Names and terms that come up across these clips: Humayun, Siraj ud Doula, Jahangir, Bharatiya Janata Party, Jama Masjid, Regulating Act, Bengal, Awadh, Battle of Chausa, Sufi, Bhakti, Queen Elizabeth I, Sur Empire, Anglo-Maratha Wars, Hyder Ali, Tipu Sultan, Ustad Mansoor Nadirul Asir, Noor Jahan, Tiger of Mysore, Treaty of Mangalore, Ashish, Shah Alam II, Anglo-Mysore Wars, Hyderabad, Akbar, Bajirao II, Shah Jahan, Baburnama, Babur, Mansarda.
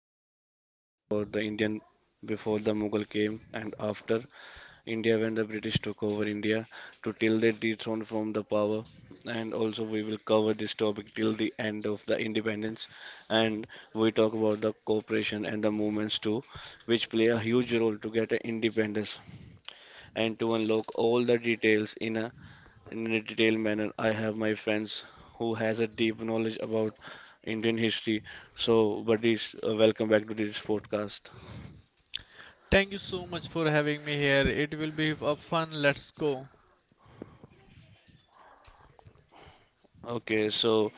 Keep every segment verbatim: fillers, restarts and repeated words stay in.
Where we are discussing about the Indian before the Mughal came and after India, when the British took over India to till they dethroned from the power, and also we will cover this topic till the end of the independence, and we talk about the cooperation and the movements too, which play a huge role to get an independence, and to unlock all the details in a in a detailed manner. I have my friends who has a deep knowledge about Indian history. So, buddies, uh, welcome back to this podcast. Thank you so much for having me here. It will be a fun. Let's go. Okay, so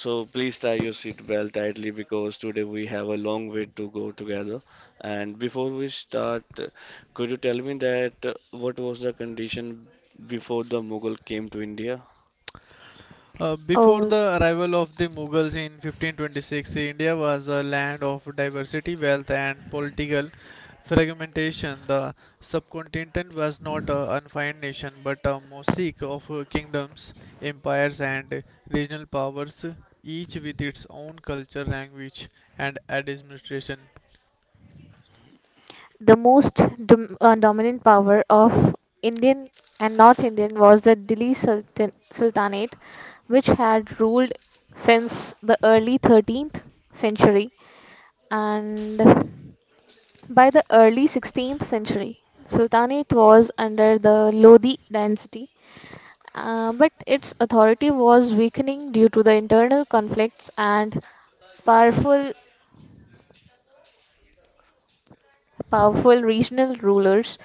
so please tie your seat belt tightly because today we have a long way to go together. And before we start, uh, could you tell me that uh, what was the condition before the Mughal came to India? Uh, before Oh, the arrival of the Mughals in fifteen twenty-six, India was a land of diversity, wealth, and political fragmentation. The subcontinent was not a unfined nation but a mosaic of uh, kingdoms, empires, and regional powers, each with its own culture, language, and administration. the most dom- uh, dominant power of Indian and North Indian was the Delhi Sultan- Sultanate, which had ruled since the early thirteenth century. And by the early sixteenth century, Sultanate was under the Lodi dynasty, uh, but its authority was weakening due to the internal conflicts and powerful powerful regional rulers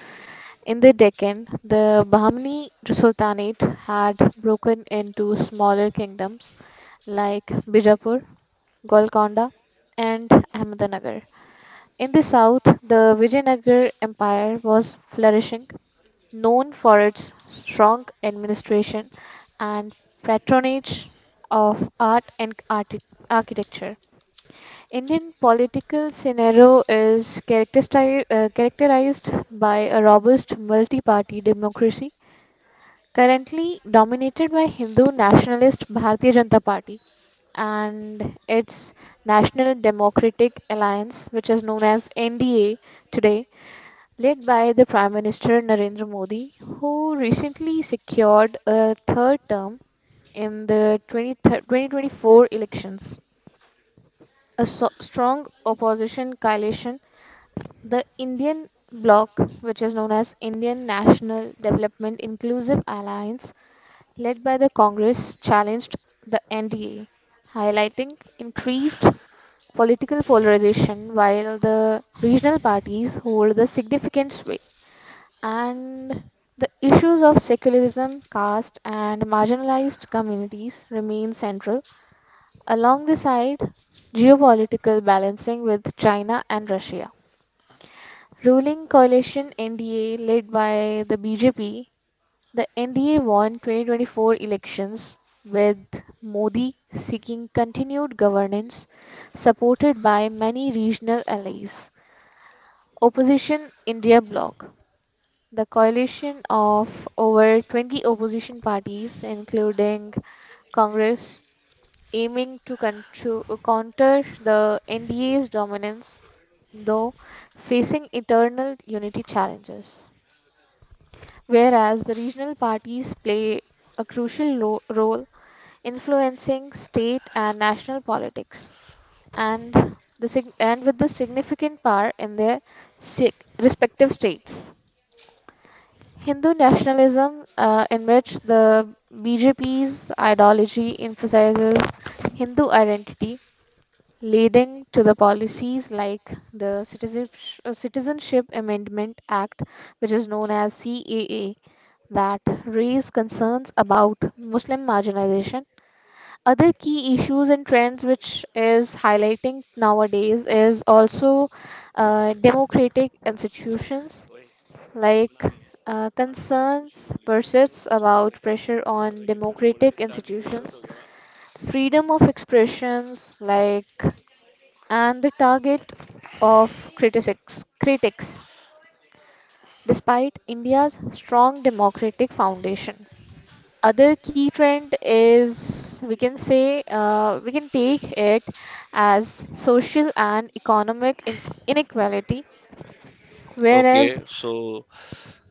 in the Deccan. The Bahmani Sultanate had broken into smaller kingdoms like Bijapur, Golconda, and Ahmednagar. In the south, the Vijayanagar Empire was flourishing, known for its strong administration and patronage of art and archi- architecture. Indian political scenario is characteristi- uh, characterized by a robust multi-party democracy, currently dominated by Hindu nationalist Bharatiya Janata Party and its National Democratic Alliance, which is known as N D A today, led by the Prime Minister Narendra Modi, who recently secured a third term in the twenty twenty twenty-four elections. A so- strong opposition coalition, the Indian bloc, which is known as Indian National Development Inclusive Alliance, led by the Congress, challenged the N D A, highlighting increased political polarization while the regional parties hold the significant sway. And the issues of secularism, caste, and marginalized communities remain central. Along the side, geopolitical balancing with China and Russia. Ruling coalition N D A led by the B J P, the N D A won twenty twenty-four elections with Modi seeking continued governance supported by many regional allies. Opposition India Bloc, the coalition of over twenty opposition parties including Congress aiming to contro- counter the N D A's dominance though facing internal unity challenges, whereas the regional parties play a crucial ro- role influencing state and national politics and the sig- and with the significant power in their si- respective states. Hindu nationalism, uh, in which the B J P's ideology emphasizes Hindu identity, leading to the policies like the Citizensh- uh, Citizenship Amendment Act, which is known as C A A, that raise concerns about Muslim marginalization. Other key issues and trends which is highlighting nowadays is also uh, democratic institutions like uh, concerns persists about pressure on democratic institutions, freedom of expressions like and the target of critics critics despite India's strong democratic foundation. Other key trend is we can say, uh, we can take it as social and economic in- inequality whereas Okay, so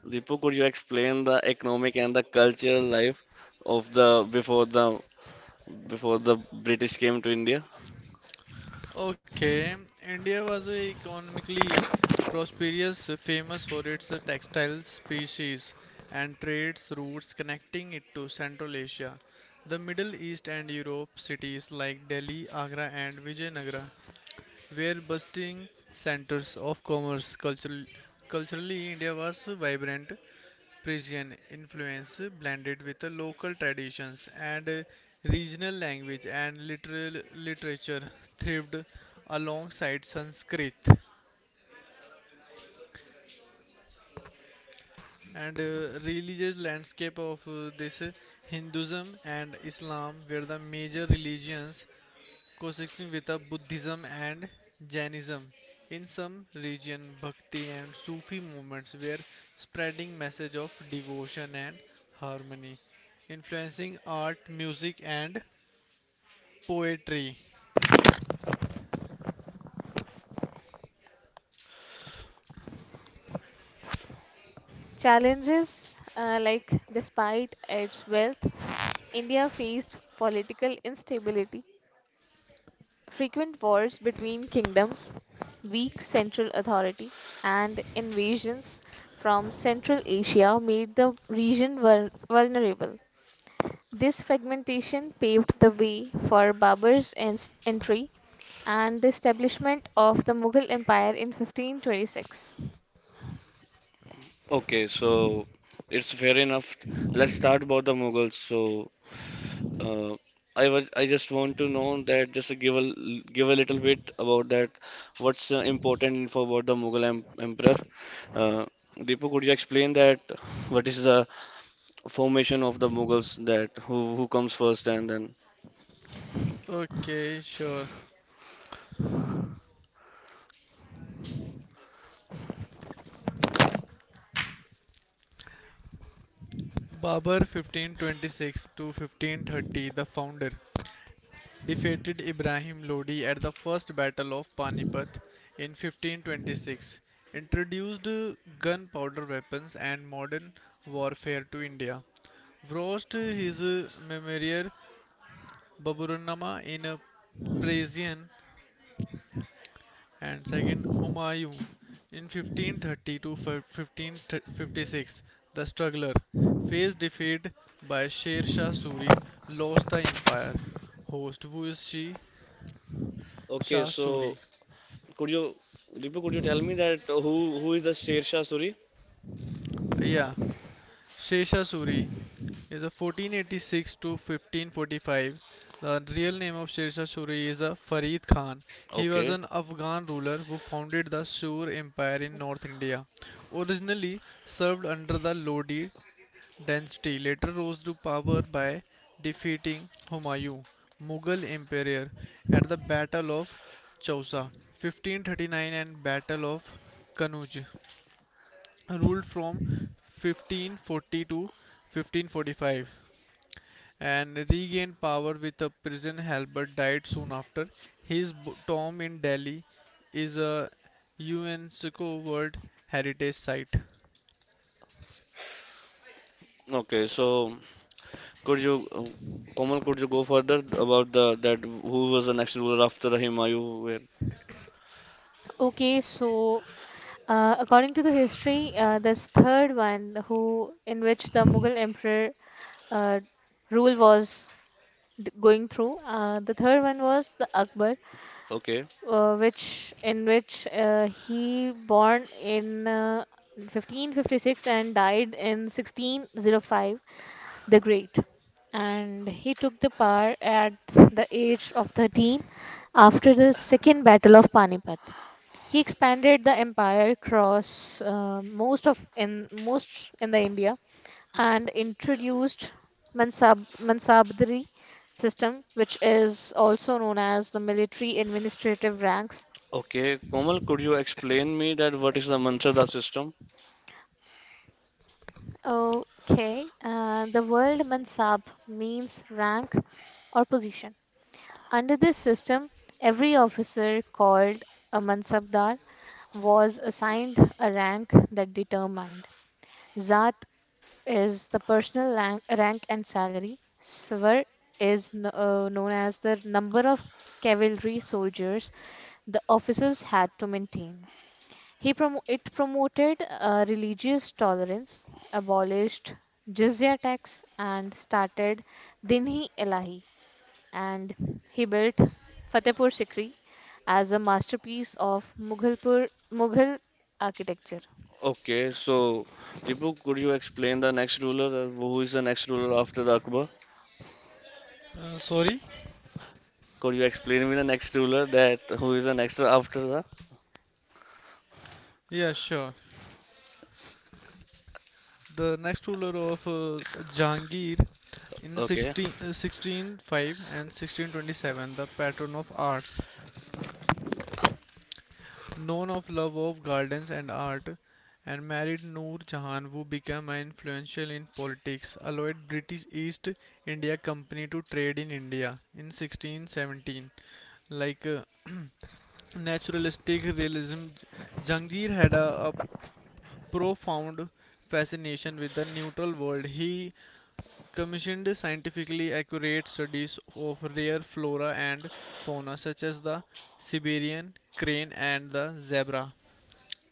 Deepu, could you explain the economic and the cultural life of the before the before the British came to India. Okay, India was a economically prosperous, famous for its textile species and trades routes connecting it to Central Asia. The Middle East and Europe cities like Delhi, Agra, and Vijayanagara were bustling centers of commerce. Cultural, culturally, India was vibrant. Persian influence blended with the local traditions, and uh, regional language and literal literature thrived alongside Sanskrit, and uh, religious landscape of uh, this, uh, Hinduism and Islam were the major religions coexisting with the Buddhism and Jainism. In some regions, Bhakti and Sufi movements were spreading message of devotion and harmony, influencing art, music, and poetry. challenges uh, like despite its wealth India faced political instability, frequent wars between kingdoms, weak central authority, and invasions from Central Asia made the region vul- vulnerable. This fragmentation paved the way for Babur's en- entry and the establishment of the Mughal Empire in fifteen twenty-six. Okay, so it's fair enough. Let's start about the Mughals. So uh, I was I just want to know that just give a l- give a little bit about that. What's uh, important info about the Mughal em emperor? Uh, Deepu, could you explain that? What is the formation of the Mughals? That who who comes first and then? Okay, sure. Babur, fifteen twenty-six to fifteen thirty, the founder, defeated Ibrahim Lodi at the First Battle of Panipat in fifteen twenty-six, introduced uh, gunpowder weapons and modern warfare to India, wrote his uh, memoir Baburnama in uh, Persian, and second, Humayun, in fifteen thirty to fifteen fifty-six. The struggler faced defeat by Sher Shah Suri, lost the empire. Host, who is she? Okay, Shah so Suri. could you Deepu, could you tell me that who who is the Sher Shah Suri? Yeah, Shirshasuri is a fourteen eighty-six to fifteen forty-five. The real name of Shirshasuri is a Farid Khan. He was Okay, an Afghan ruler who founded the Sur Empire in North India. Originally served under the Lodi dynasty, later rose to power by defeating Humayun, Mughal emperor, at the Battle of Chausa, fifteen thirty-nine, and Battle of Kanuj, ruled from fifteen forty to fifteen forty-five, and regained power with a prison. Halbert died soon after. His b- tomb in Delhi is a UNESCO World Heritage Site. okay, so. Could you, uh, Komal, could you go further about the that who was the next ruler after the Humayun? Where? Okay, so uh, according to the history, uh, this third one, who in which the Mughal emperor uh, rule was d- going through, uh, the third one was the Akbar, Okay, uh, which in which uh, he born in uh, fifteen fifty-six and died in sixteen oh five. The Great, and he took the power at the age of thirteen after the Second Battle of Panipat. He expanded the empire across uh, most of in most in the India and introduced Mansab Mansabdari system, which is also known as the military administrative ranks. okay. Komal, could you explain me that what is the Mansarda system? Okay, uh, the word Mansab means rank or position. Under this system, every officer called a mansabdar was assigned a rank that determined. Zat is the personal rank, rank and salary. Svar is kn- uh, known as the number of cavalry soldiers the officers had to maintain. He prom- it promoted uh, religious tolerance, abolished jizya tax, and started Dinhi Ilahi, and he built Fatehpur Sikri as a masterpiece of Mughalpur, Mughal architecture. Okay, so Dipu, could you explain the next ruler? uh, Who is the next ruler after the Akbar? Uh, sorry? Could you explain me the next ruler that who is the next ruler after the? Yeah, sure. The next ruler of uh, Jahangir, in Okay, 16, uh, sixteen oh five and sixteen twenty-seven, the patron of arts, known of love of gardens and art, and married Noor Jahan, who became influential in politics, allowed British East India Company to trade in India in sixteen seventeen. Like uh, naturalistic realism, Jahangir had a, a profound fascination with the neutral world. He commissioned scientifically accurate studies of rare flora and fauna, such as the Siberian crane and the zebra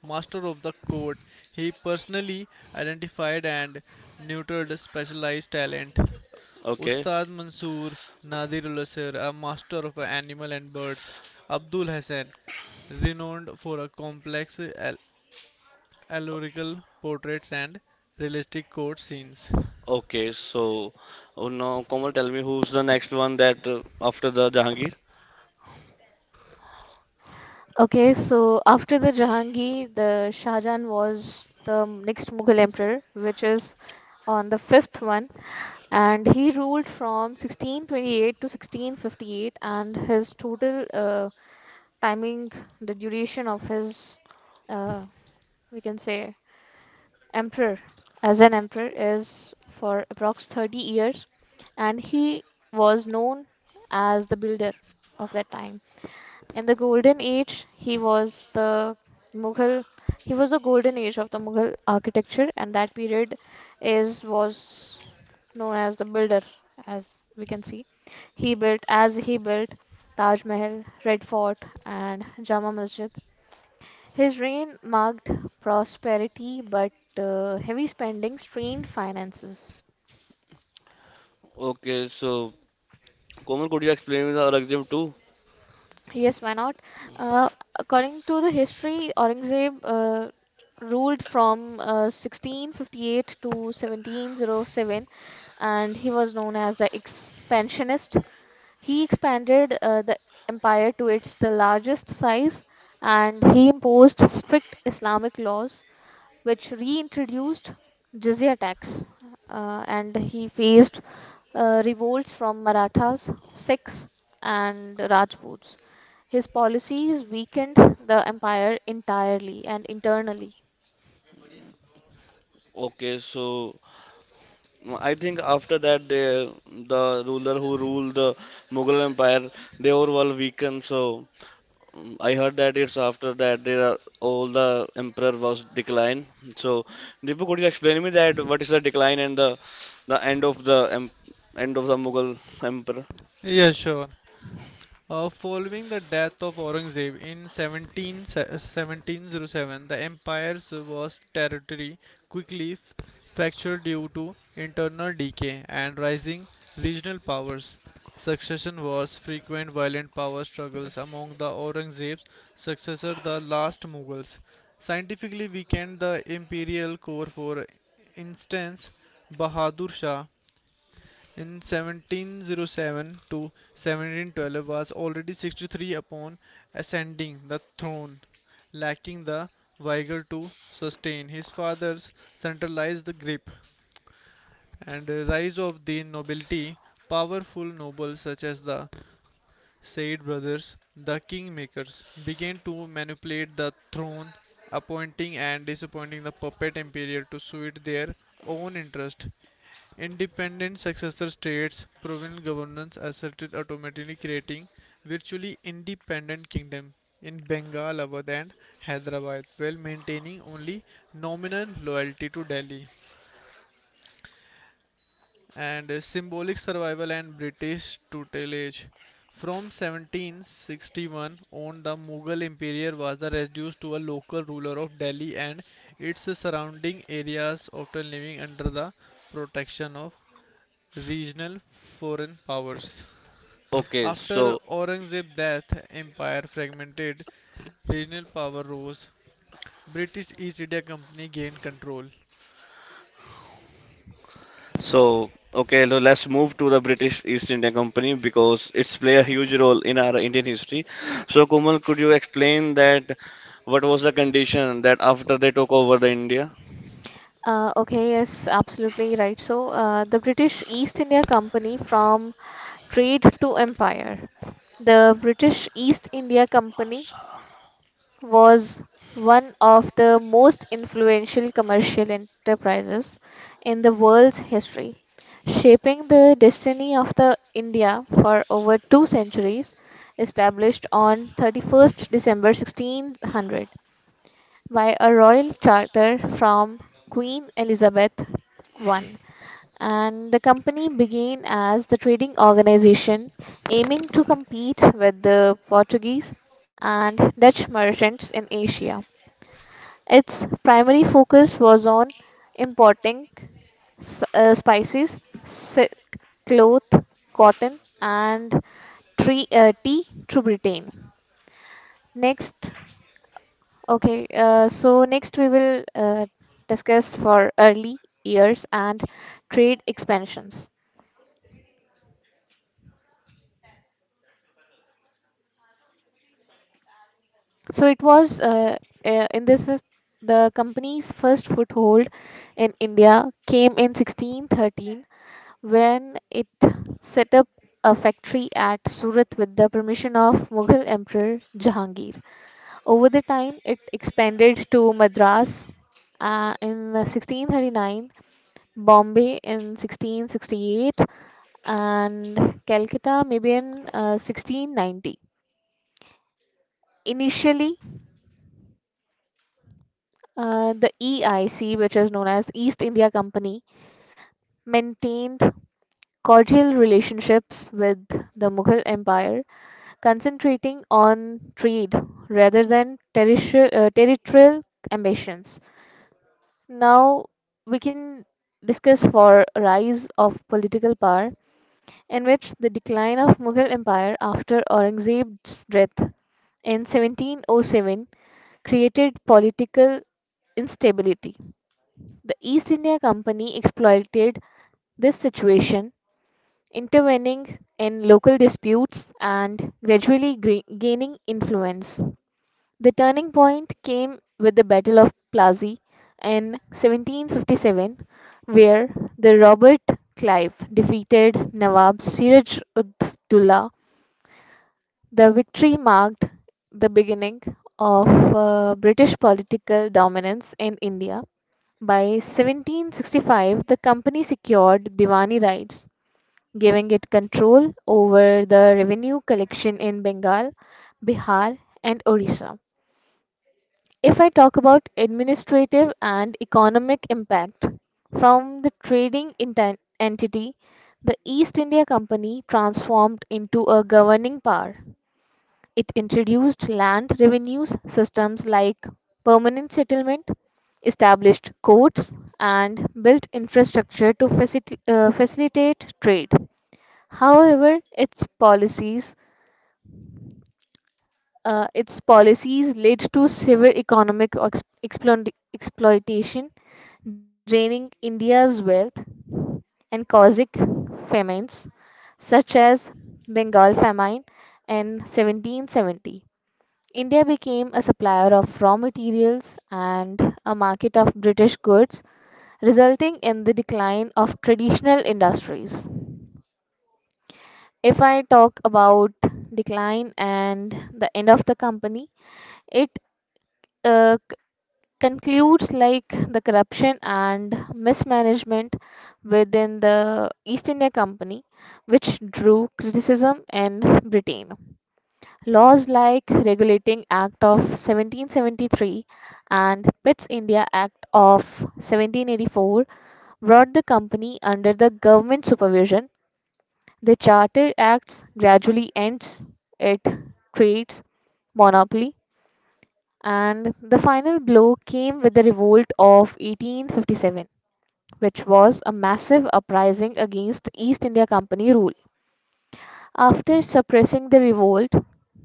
master of the court. He personally identified and neutered specialized talent. okay, Ustad Mansoor Nadirul Asir, a master of animal and birds. Abdul Hassan, renowned for a complex al- allegorical portraits and realistic court scenes. okay. So oh, now Komal, tell me who's the next one that uh, after the Jahangir? Okay, so after the Jahangir, the Shah was the next Mughal emperor, which is on the fifth one, and he ruled from sixteen twenty-eight to sixteen fifty-eight, and his total uh, timing, the duration of his, uh, we can say, emperor as an emperor, is for approx thirty years, and he was known as the builder of that time. In the golden age, he was the Mughal he was the golden age of the Mughal architecture and that period is was known as the builder, as we can see. He built as he built Taj Mahal, Red Fort, and Jama Masjid. His reign marked prosperity but uh, heavy spending strained finances. Okay, so Komal, could you explain me the Aurangzeb too? Yes, why not? Uh, According to the history, Aurangzeb uh, ruled from uh, sixteen fifty-eight to seventeen oh seven, and he was known as the expansionist. He expanded uh, the empire to its the largest size, and he imposed strict Islamic laws, which reintroduced jizya tax, uh, and he faced uh, revolts from Marathas, Sikhs, and Rajputs. His policies weakened the empire entirely and internally. Okay, so I think after that, the the ruler who ruled the Mughal Empire, they were all weakened. So um, I heard that it's after that there are all the emperor was decline. So Deepu, could you explain me that what is the decline and the the end of the em, end of the Mughal Empire? Yeah, sure. Uh, following the death of Aurangzeb in 17, seventeen oh seven, the empire's vast territory quickly fractured due to internal decay and rising regional powers. Succession wars, frequent violent power struggles among the Aurangzeb's successor, the last Mughals, scientifically weakened the imperial core. For instance, Bahadur Shah, in seventeen oh seven to seventeen twelve, was already sixty-three upon ascending the throne, lacking the vigor to sustain his father's centralized the grip, and the rise of the nobility, powerful nobles such as the said brothers, the kingmakers, began to manipulate the throne, appointing and disappointing the puppet emperor to suit their own interest. Independent successor states, provincial governance asserted autonomy, creating virtually independent kingdom in Bengal, Awadh, and Hyderabad, while maintaining only nominal loyalty to Delhi, and uh, symbolic survival and British tutelage. From seventeen sixty-one on, the Mughal Empire was reduced to a local ruler of Delhi and its surrounding areas, often living under the protection of regional foreign powers. Okay, After so Aurangzeb's death, empire fragmented, regional power rose. British East India Company gained control. So, okay, lo- let's move to the British East India Company because it's play a huge role in our Indian history. So, Komal, could you explain that what was the condition that after they took over the India? Uh, okay, yes, absolutely right. So, uh, the British East India Company from trade to empire. The British East India Company was one of the most influential commercial enterprises in the world's history, shaping the destiny of the India for over two centuries, established on the thirty-first of December sixteen hundred by a royal charter from Queen Elizabeth the First. And the company began as the trading organization aiming to compete with the Portuguese and Dutch merchants in Asia. Its primary focus was on importing s- uh, spices, silk, cloth, cotton, and tree, uh, tea to Britain. Next, okay, uh, so next we will uh, discuss for early years and trade expansions. So it was uh, uh, in this is the company's first foothold in India came in sixteen thirteen when it set up a factory at Surat with the permission of Mughal Emperor Jahangir. Over the time, it expanded to Madras uh, in sixteen thirty-nine, Bombay in sixteen sixty-eight, and Calcutta maybe in uh, sixteen ninety. Initially, uh, the E I C, which is known as East India Company, maintained cordial relationships with the Mughal Empire, concentrating on trade rather than territio- uh, territorial ambitions. Now we can discuss for rise of political power, in which the decline of Mughal Empire after Aurangzeb's death in seventeen oh seven created political instability. The East India Company exploited this situation, intervening in local disputes and gradually gre- gaining influence. The turning point came with the Battle of Plassey in seventeen fifty-seven, where the Robert Clive defeated Nawab Siraj ud Doula. The victory marked the beginning of uh, British political dominance in India. By seventeen sixty-five, the company secured Diwani rights, giving it control over the revenue collection in Bengal, Bihar, and Orissa. If I talk about administrative and economic impact from the trading inten- entity, the East India Company transformed into a governing power. It introduced land revenues systems like permanent settlement, established courts, and built infrastructure to facil- uh, facilitate trade. However, its policies uh, its policies led to severe economic ex- exploit- exploitation, draining India's wealth and causing famines such as Bengal famine in seventeen seventy. India became a supplier of raw materials and a market of British goods, resulting in the decline of traditional industries. If I talk about decline and the end of the company, it uh, c- concludes like the corruption and mismanagement within the East India Company, which drew criticism in Britain. Laws like Regulating Act of seventeen seventy-three and Pitt's India Act of seventeen eighty-four brought the company under the government supervision. The Charter Acts gradually ends it, creates monopoly, and the final blow came with the revolt of eighteen fifty-seven, which was a massive uprising against East India Company rule. After suppressing the revolt,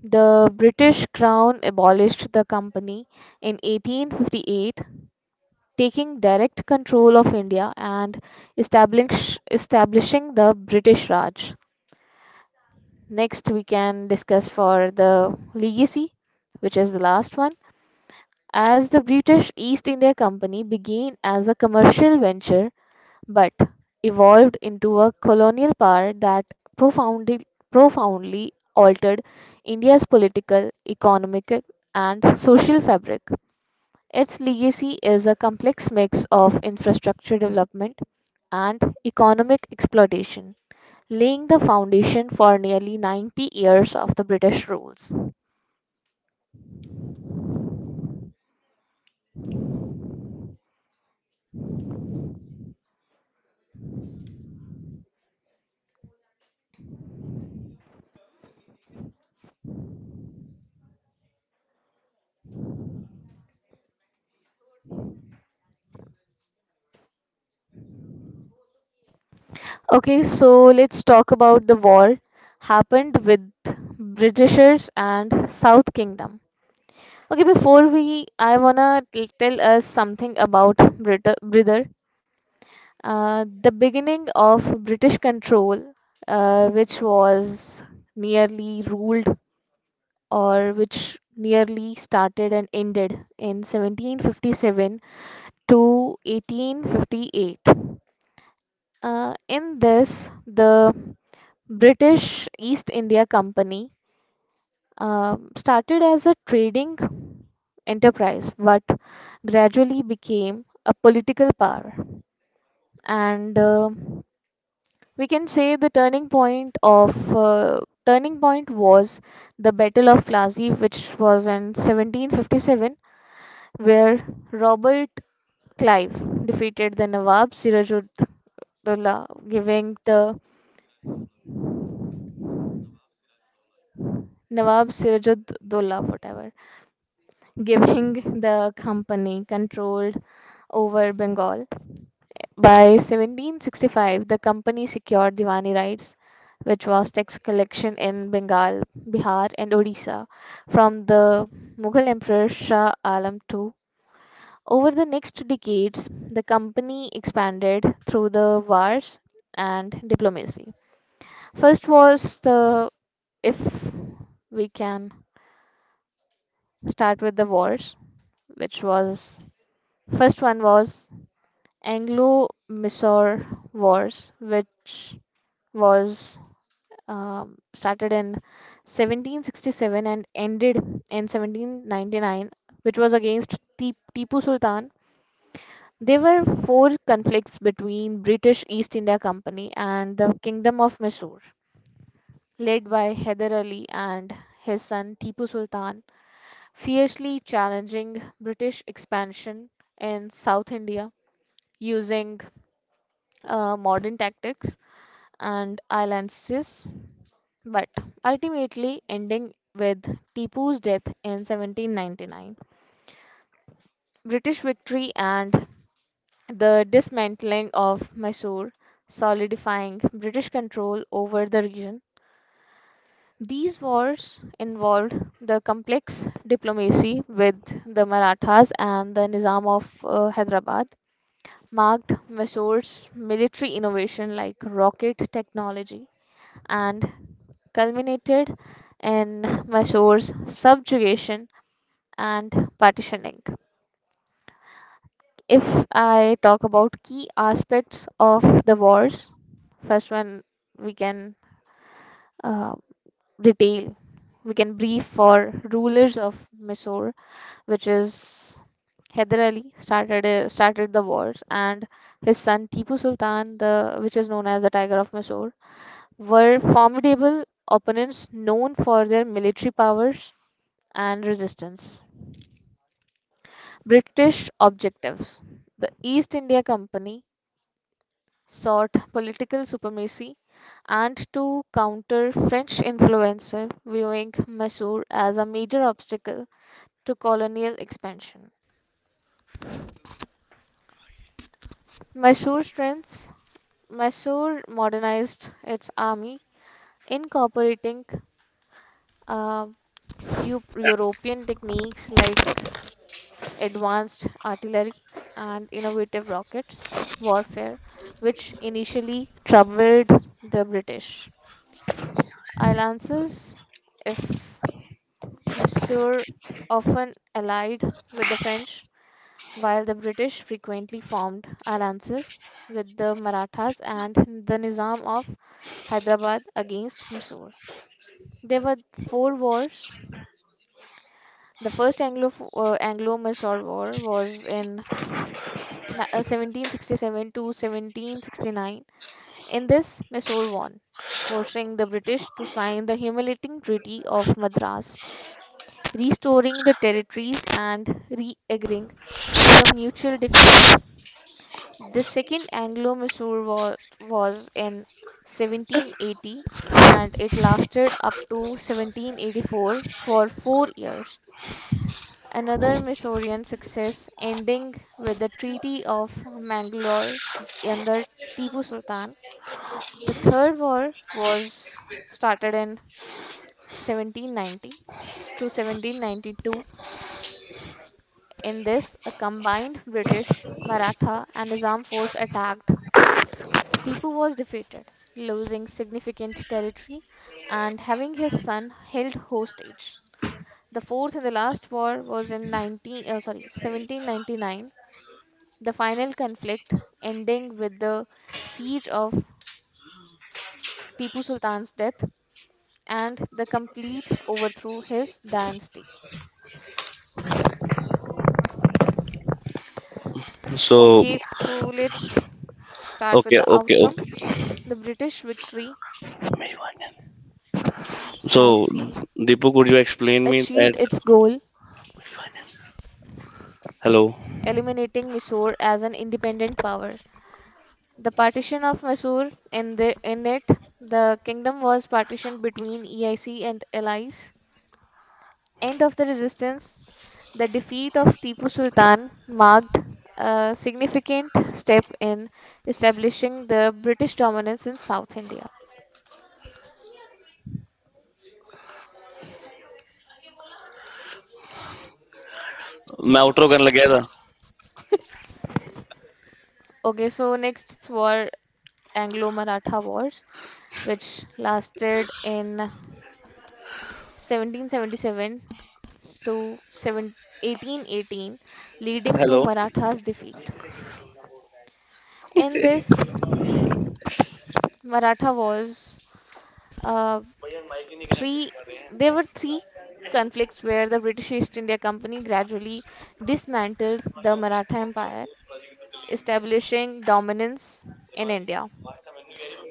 the British Crown abolished the company in eighteen fifty-eight, taking direct control of India and establish, establishing the British Raj. Next, we can discuss for the legacy, which is the last one, as the British East India Company began as a commercial venture but evolved into a colonial power that profoundly, profoundly altered India's political, economic, and social fabric. Its legacy is a complex mix of infrastructure development and economic exploitation, laying the foundation for nearly ninety years of the British rules. Okay, so let's talk about the war happened with Britishers and South Kingdom. Okay, before we, I wanna t- tell us something about Brit Brother. Uh, the beginning of British control, uh, which was nearly ruled or which nearly started and ended in seventeen fifty-seven to eighteen fifty-eight. Uh, in this, the British East India Company um, started as a trading enterprise but gradually became a political power. And uh, we can say the turning point of uh, turning point was the Battle of Plassey, which was in seventeen fifty-seven, where Robert Clive defeated the Nawab Sirajud Dola, giving the Nawab Sirajud Dola, whatever, giving the company control over Bengal. By seventeen sixty-five, the company secured Diwani rights, which was tax collection in Bengal, Bihar, and Odisha, from the Mughal Emperor Shah Alam the Two. Over the next decades, the company expanded through the wars and diplomacy. First was the, if we can start with the wars, which was, first one was Anglo-Mysore Wars, which was, um, started in seventeen sixty-seven and ended in seventeen ninety-nine, which was against Ti- Tipu Sultan. There were four conflicts between British East India Company and the Kingdom of Mysore, led by Hyder Ali and his son Tipu Sultan, fiercely challenging British expansion in South India using uh, modern tactics and alliances, but ultimately ending with Tipu's death in seventeen ninety-nine. British victory and the dismantling of Mysore, solidifying British control over the region. These wars involved the complex diplomacy with the Marathas and the Nizam of uh, Hyderabad, marked Mysore's military innovation like rocket technology and culminated in Mysore's subjugation and partitioning. If I talk about key aspects of the wars, first one we can uh, detail, we can brief for rulers of Mysore, which is Hyder Ali started uh, started the wars, and his son Tipu Sultan, the which is known as the Tiger of Mysore, were formidable opponents known for their military powers and resistance. British objectives. The East India Company sought political supremacy and to counter French influence, viewing Mysore as a major obstacle to colonial expansion. Mysore's strengths. Mysore modernized its army, incorporating uh, Eu- European techniques like advanced artillery, and innovative rockets warfare, which initially troubled the British. Alliances, if Monsieur often allied with the French, while the British frequently formed alliances with the Marathas and the Nizam of Hyderabad against Mysore. There were four wars. The first Anglo uh, Anglo-Mysore War was in na- uh, seventeen sixty-seven to seventeen sixty-nine. In this, Mysore won, forcing the British to sign the humiliating Treaty of Madras, restoring the territories and re agreeing to the mutual defense. The Second Anglo Mysore War was in seventeen eighty and it lasted up to seventeen eighty-four for four years, another Mysorean success, ending with the Treaty of Mangalore under Tipu Sultan. The Third War was started in seventeen ninety to seventeen ninety-two. In this, a combined British, Maratha, and Nizam force attacked. Tipu was defeated, losing significant territory and having his son held hostage. The fourth and the last war was in nineteen, uh, sorry, seventeen ninety-nine, the final conflict ending with the siege of Tipu Sultan's death and the complete overthrow his dynasty. So, So, Okay, so let's start with okay, the okay, okay, okay, outcome. okay. okay. The British victory, So, So, E I C Deepak, Deepu, could you you like to explain name me achieved that? it? its goal, Hello. Hello. eliminating Mysore as an independent power. The partition of Mysore in the in it, the kingdom was partitioned between E I C and allies. End of the resistance. The defeat of Tipu Sultan marked a significant step in establishing the British dominance in South India. मैं outro करने लग गया Okay, so next were Anglo-Maratha Wars, which lasted in seventeen seventy-seven to seven eighteen eighteen, था. leading to Hello. Marathas' defeat. In this, Maratha Wars, uh, three there were three conflicts where the British East India Company gradually dismantled the Maratha Empire, establishing dominance in India.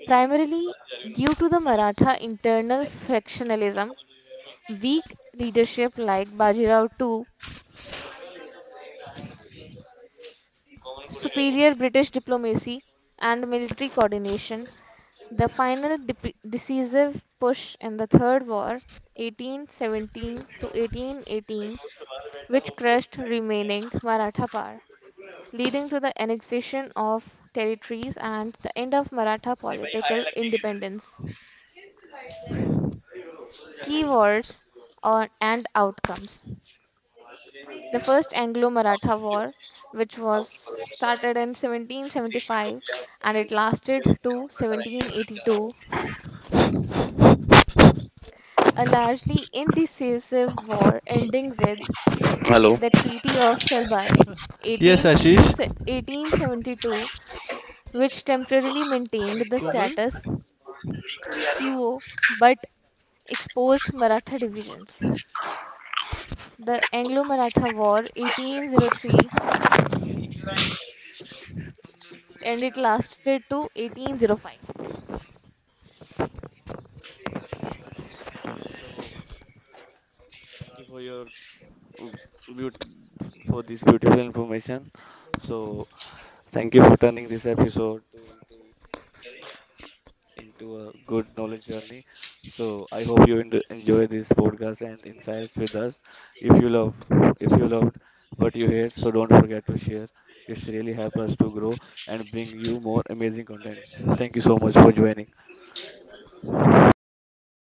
Primarily due to the Maratha internal factionalism, weak leadership like Bajirao two, superior British diplomacy, and military coordination, the final dep- decisive push in the Third War, eighteen seventeen to eighteen eighteen, which crushed remaining Maratha power, leading to the annexation of territories and the end of Maratha political independence. Keywords on, and outcomes. The First Anglo Maratha War, which was started in seventeen seventy-five and it lasted to seventeen eighty-two, a largely indecisive war ending with Hello. the Treaty of Salbai Yes, Ashish. one eight one eight seven two. Which temporarily maintained the Como? status quo but exposed Maratha divisions. The Anglo Maratha War eighteen oh three and it lasted to eighteen oh five. Okay, so thank you for your um, beaut- for this beautiful information. So thank you for turning this episode to into into a good knowledge journey. So I hope you en- enjoy this podcast and insights with us. If you love, if you loved what you heard, so don't forget to share. It's really help us to grow and bring you more amazing content. Thank you so much for joining.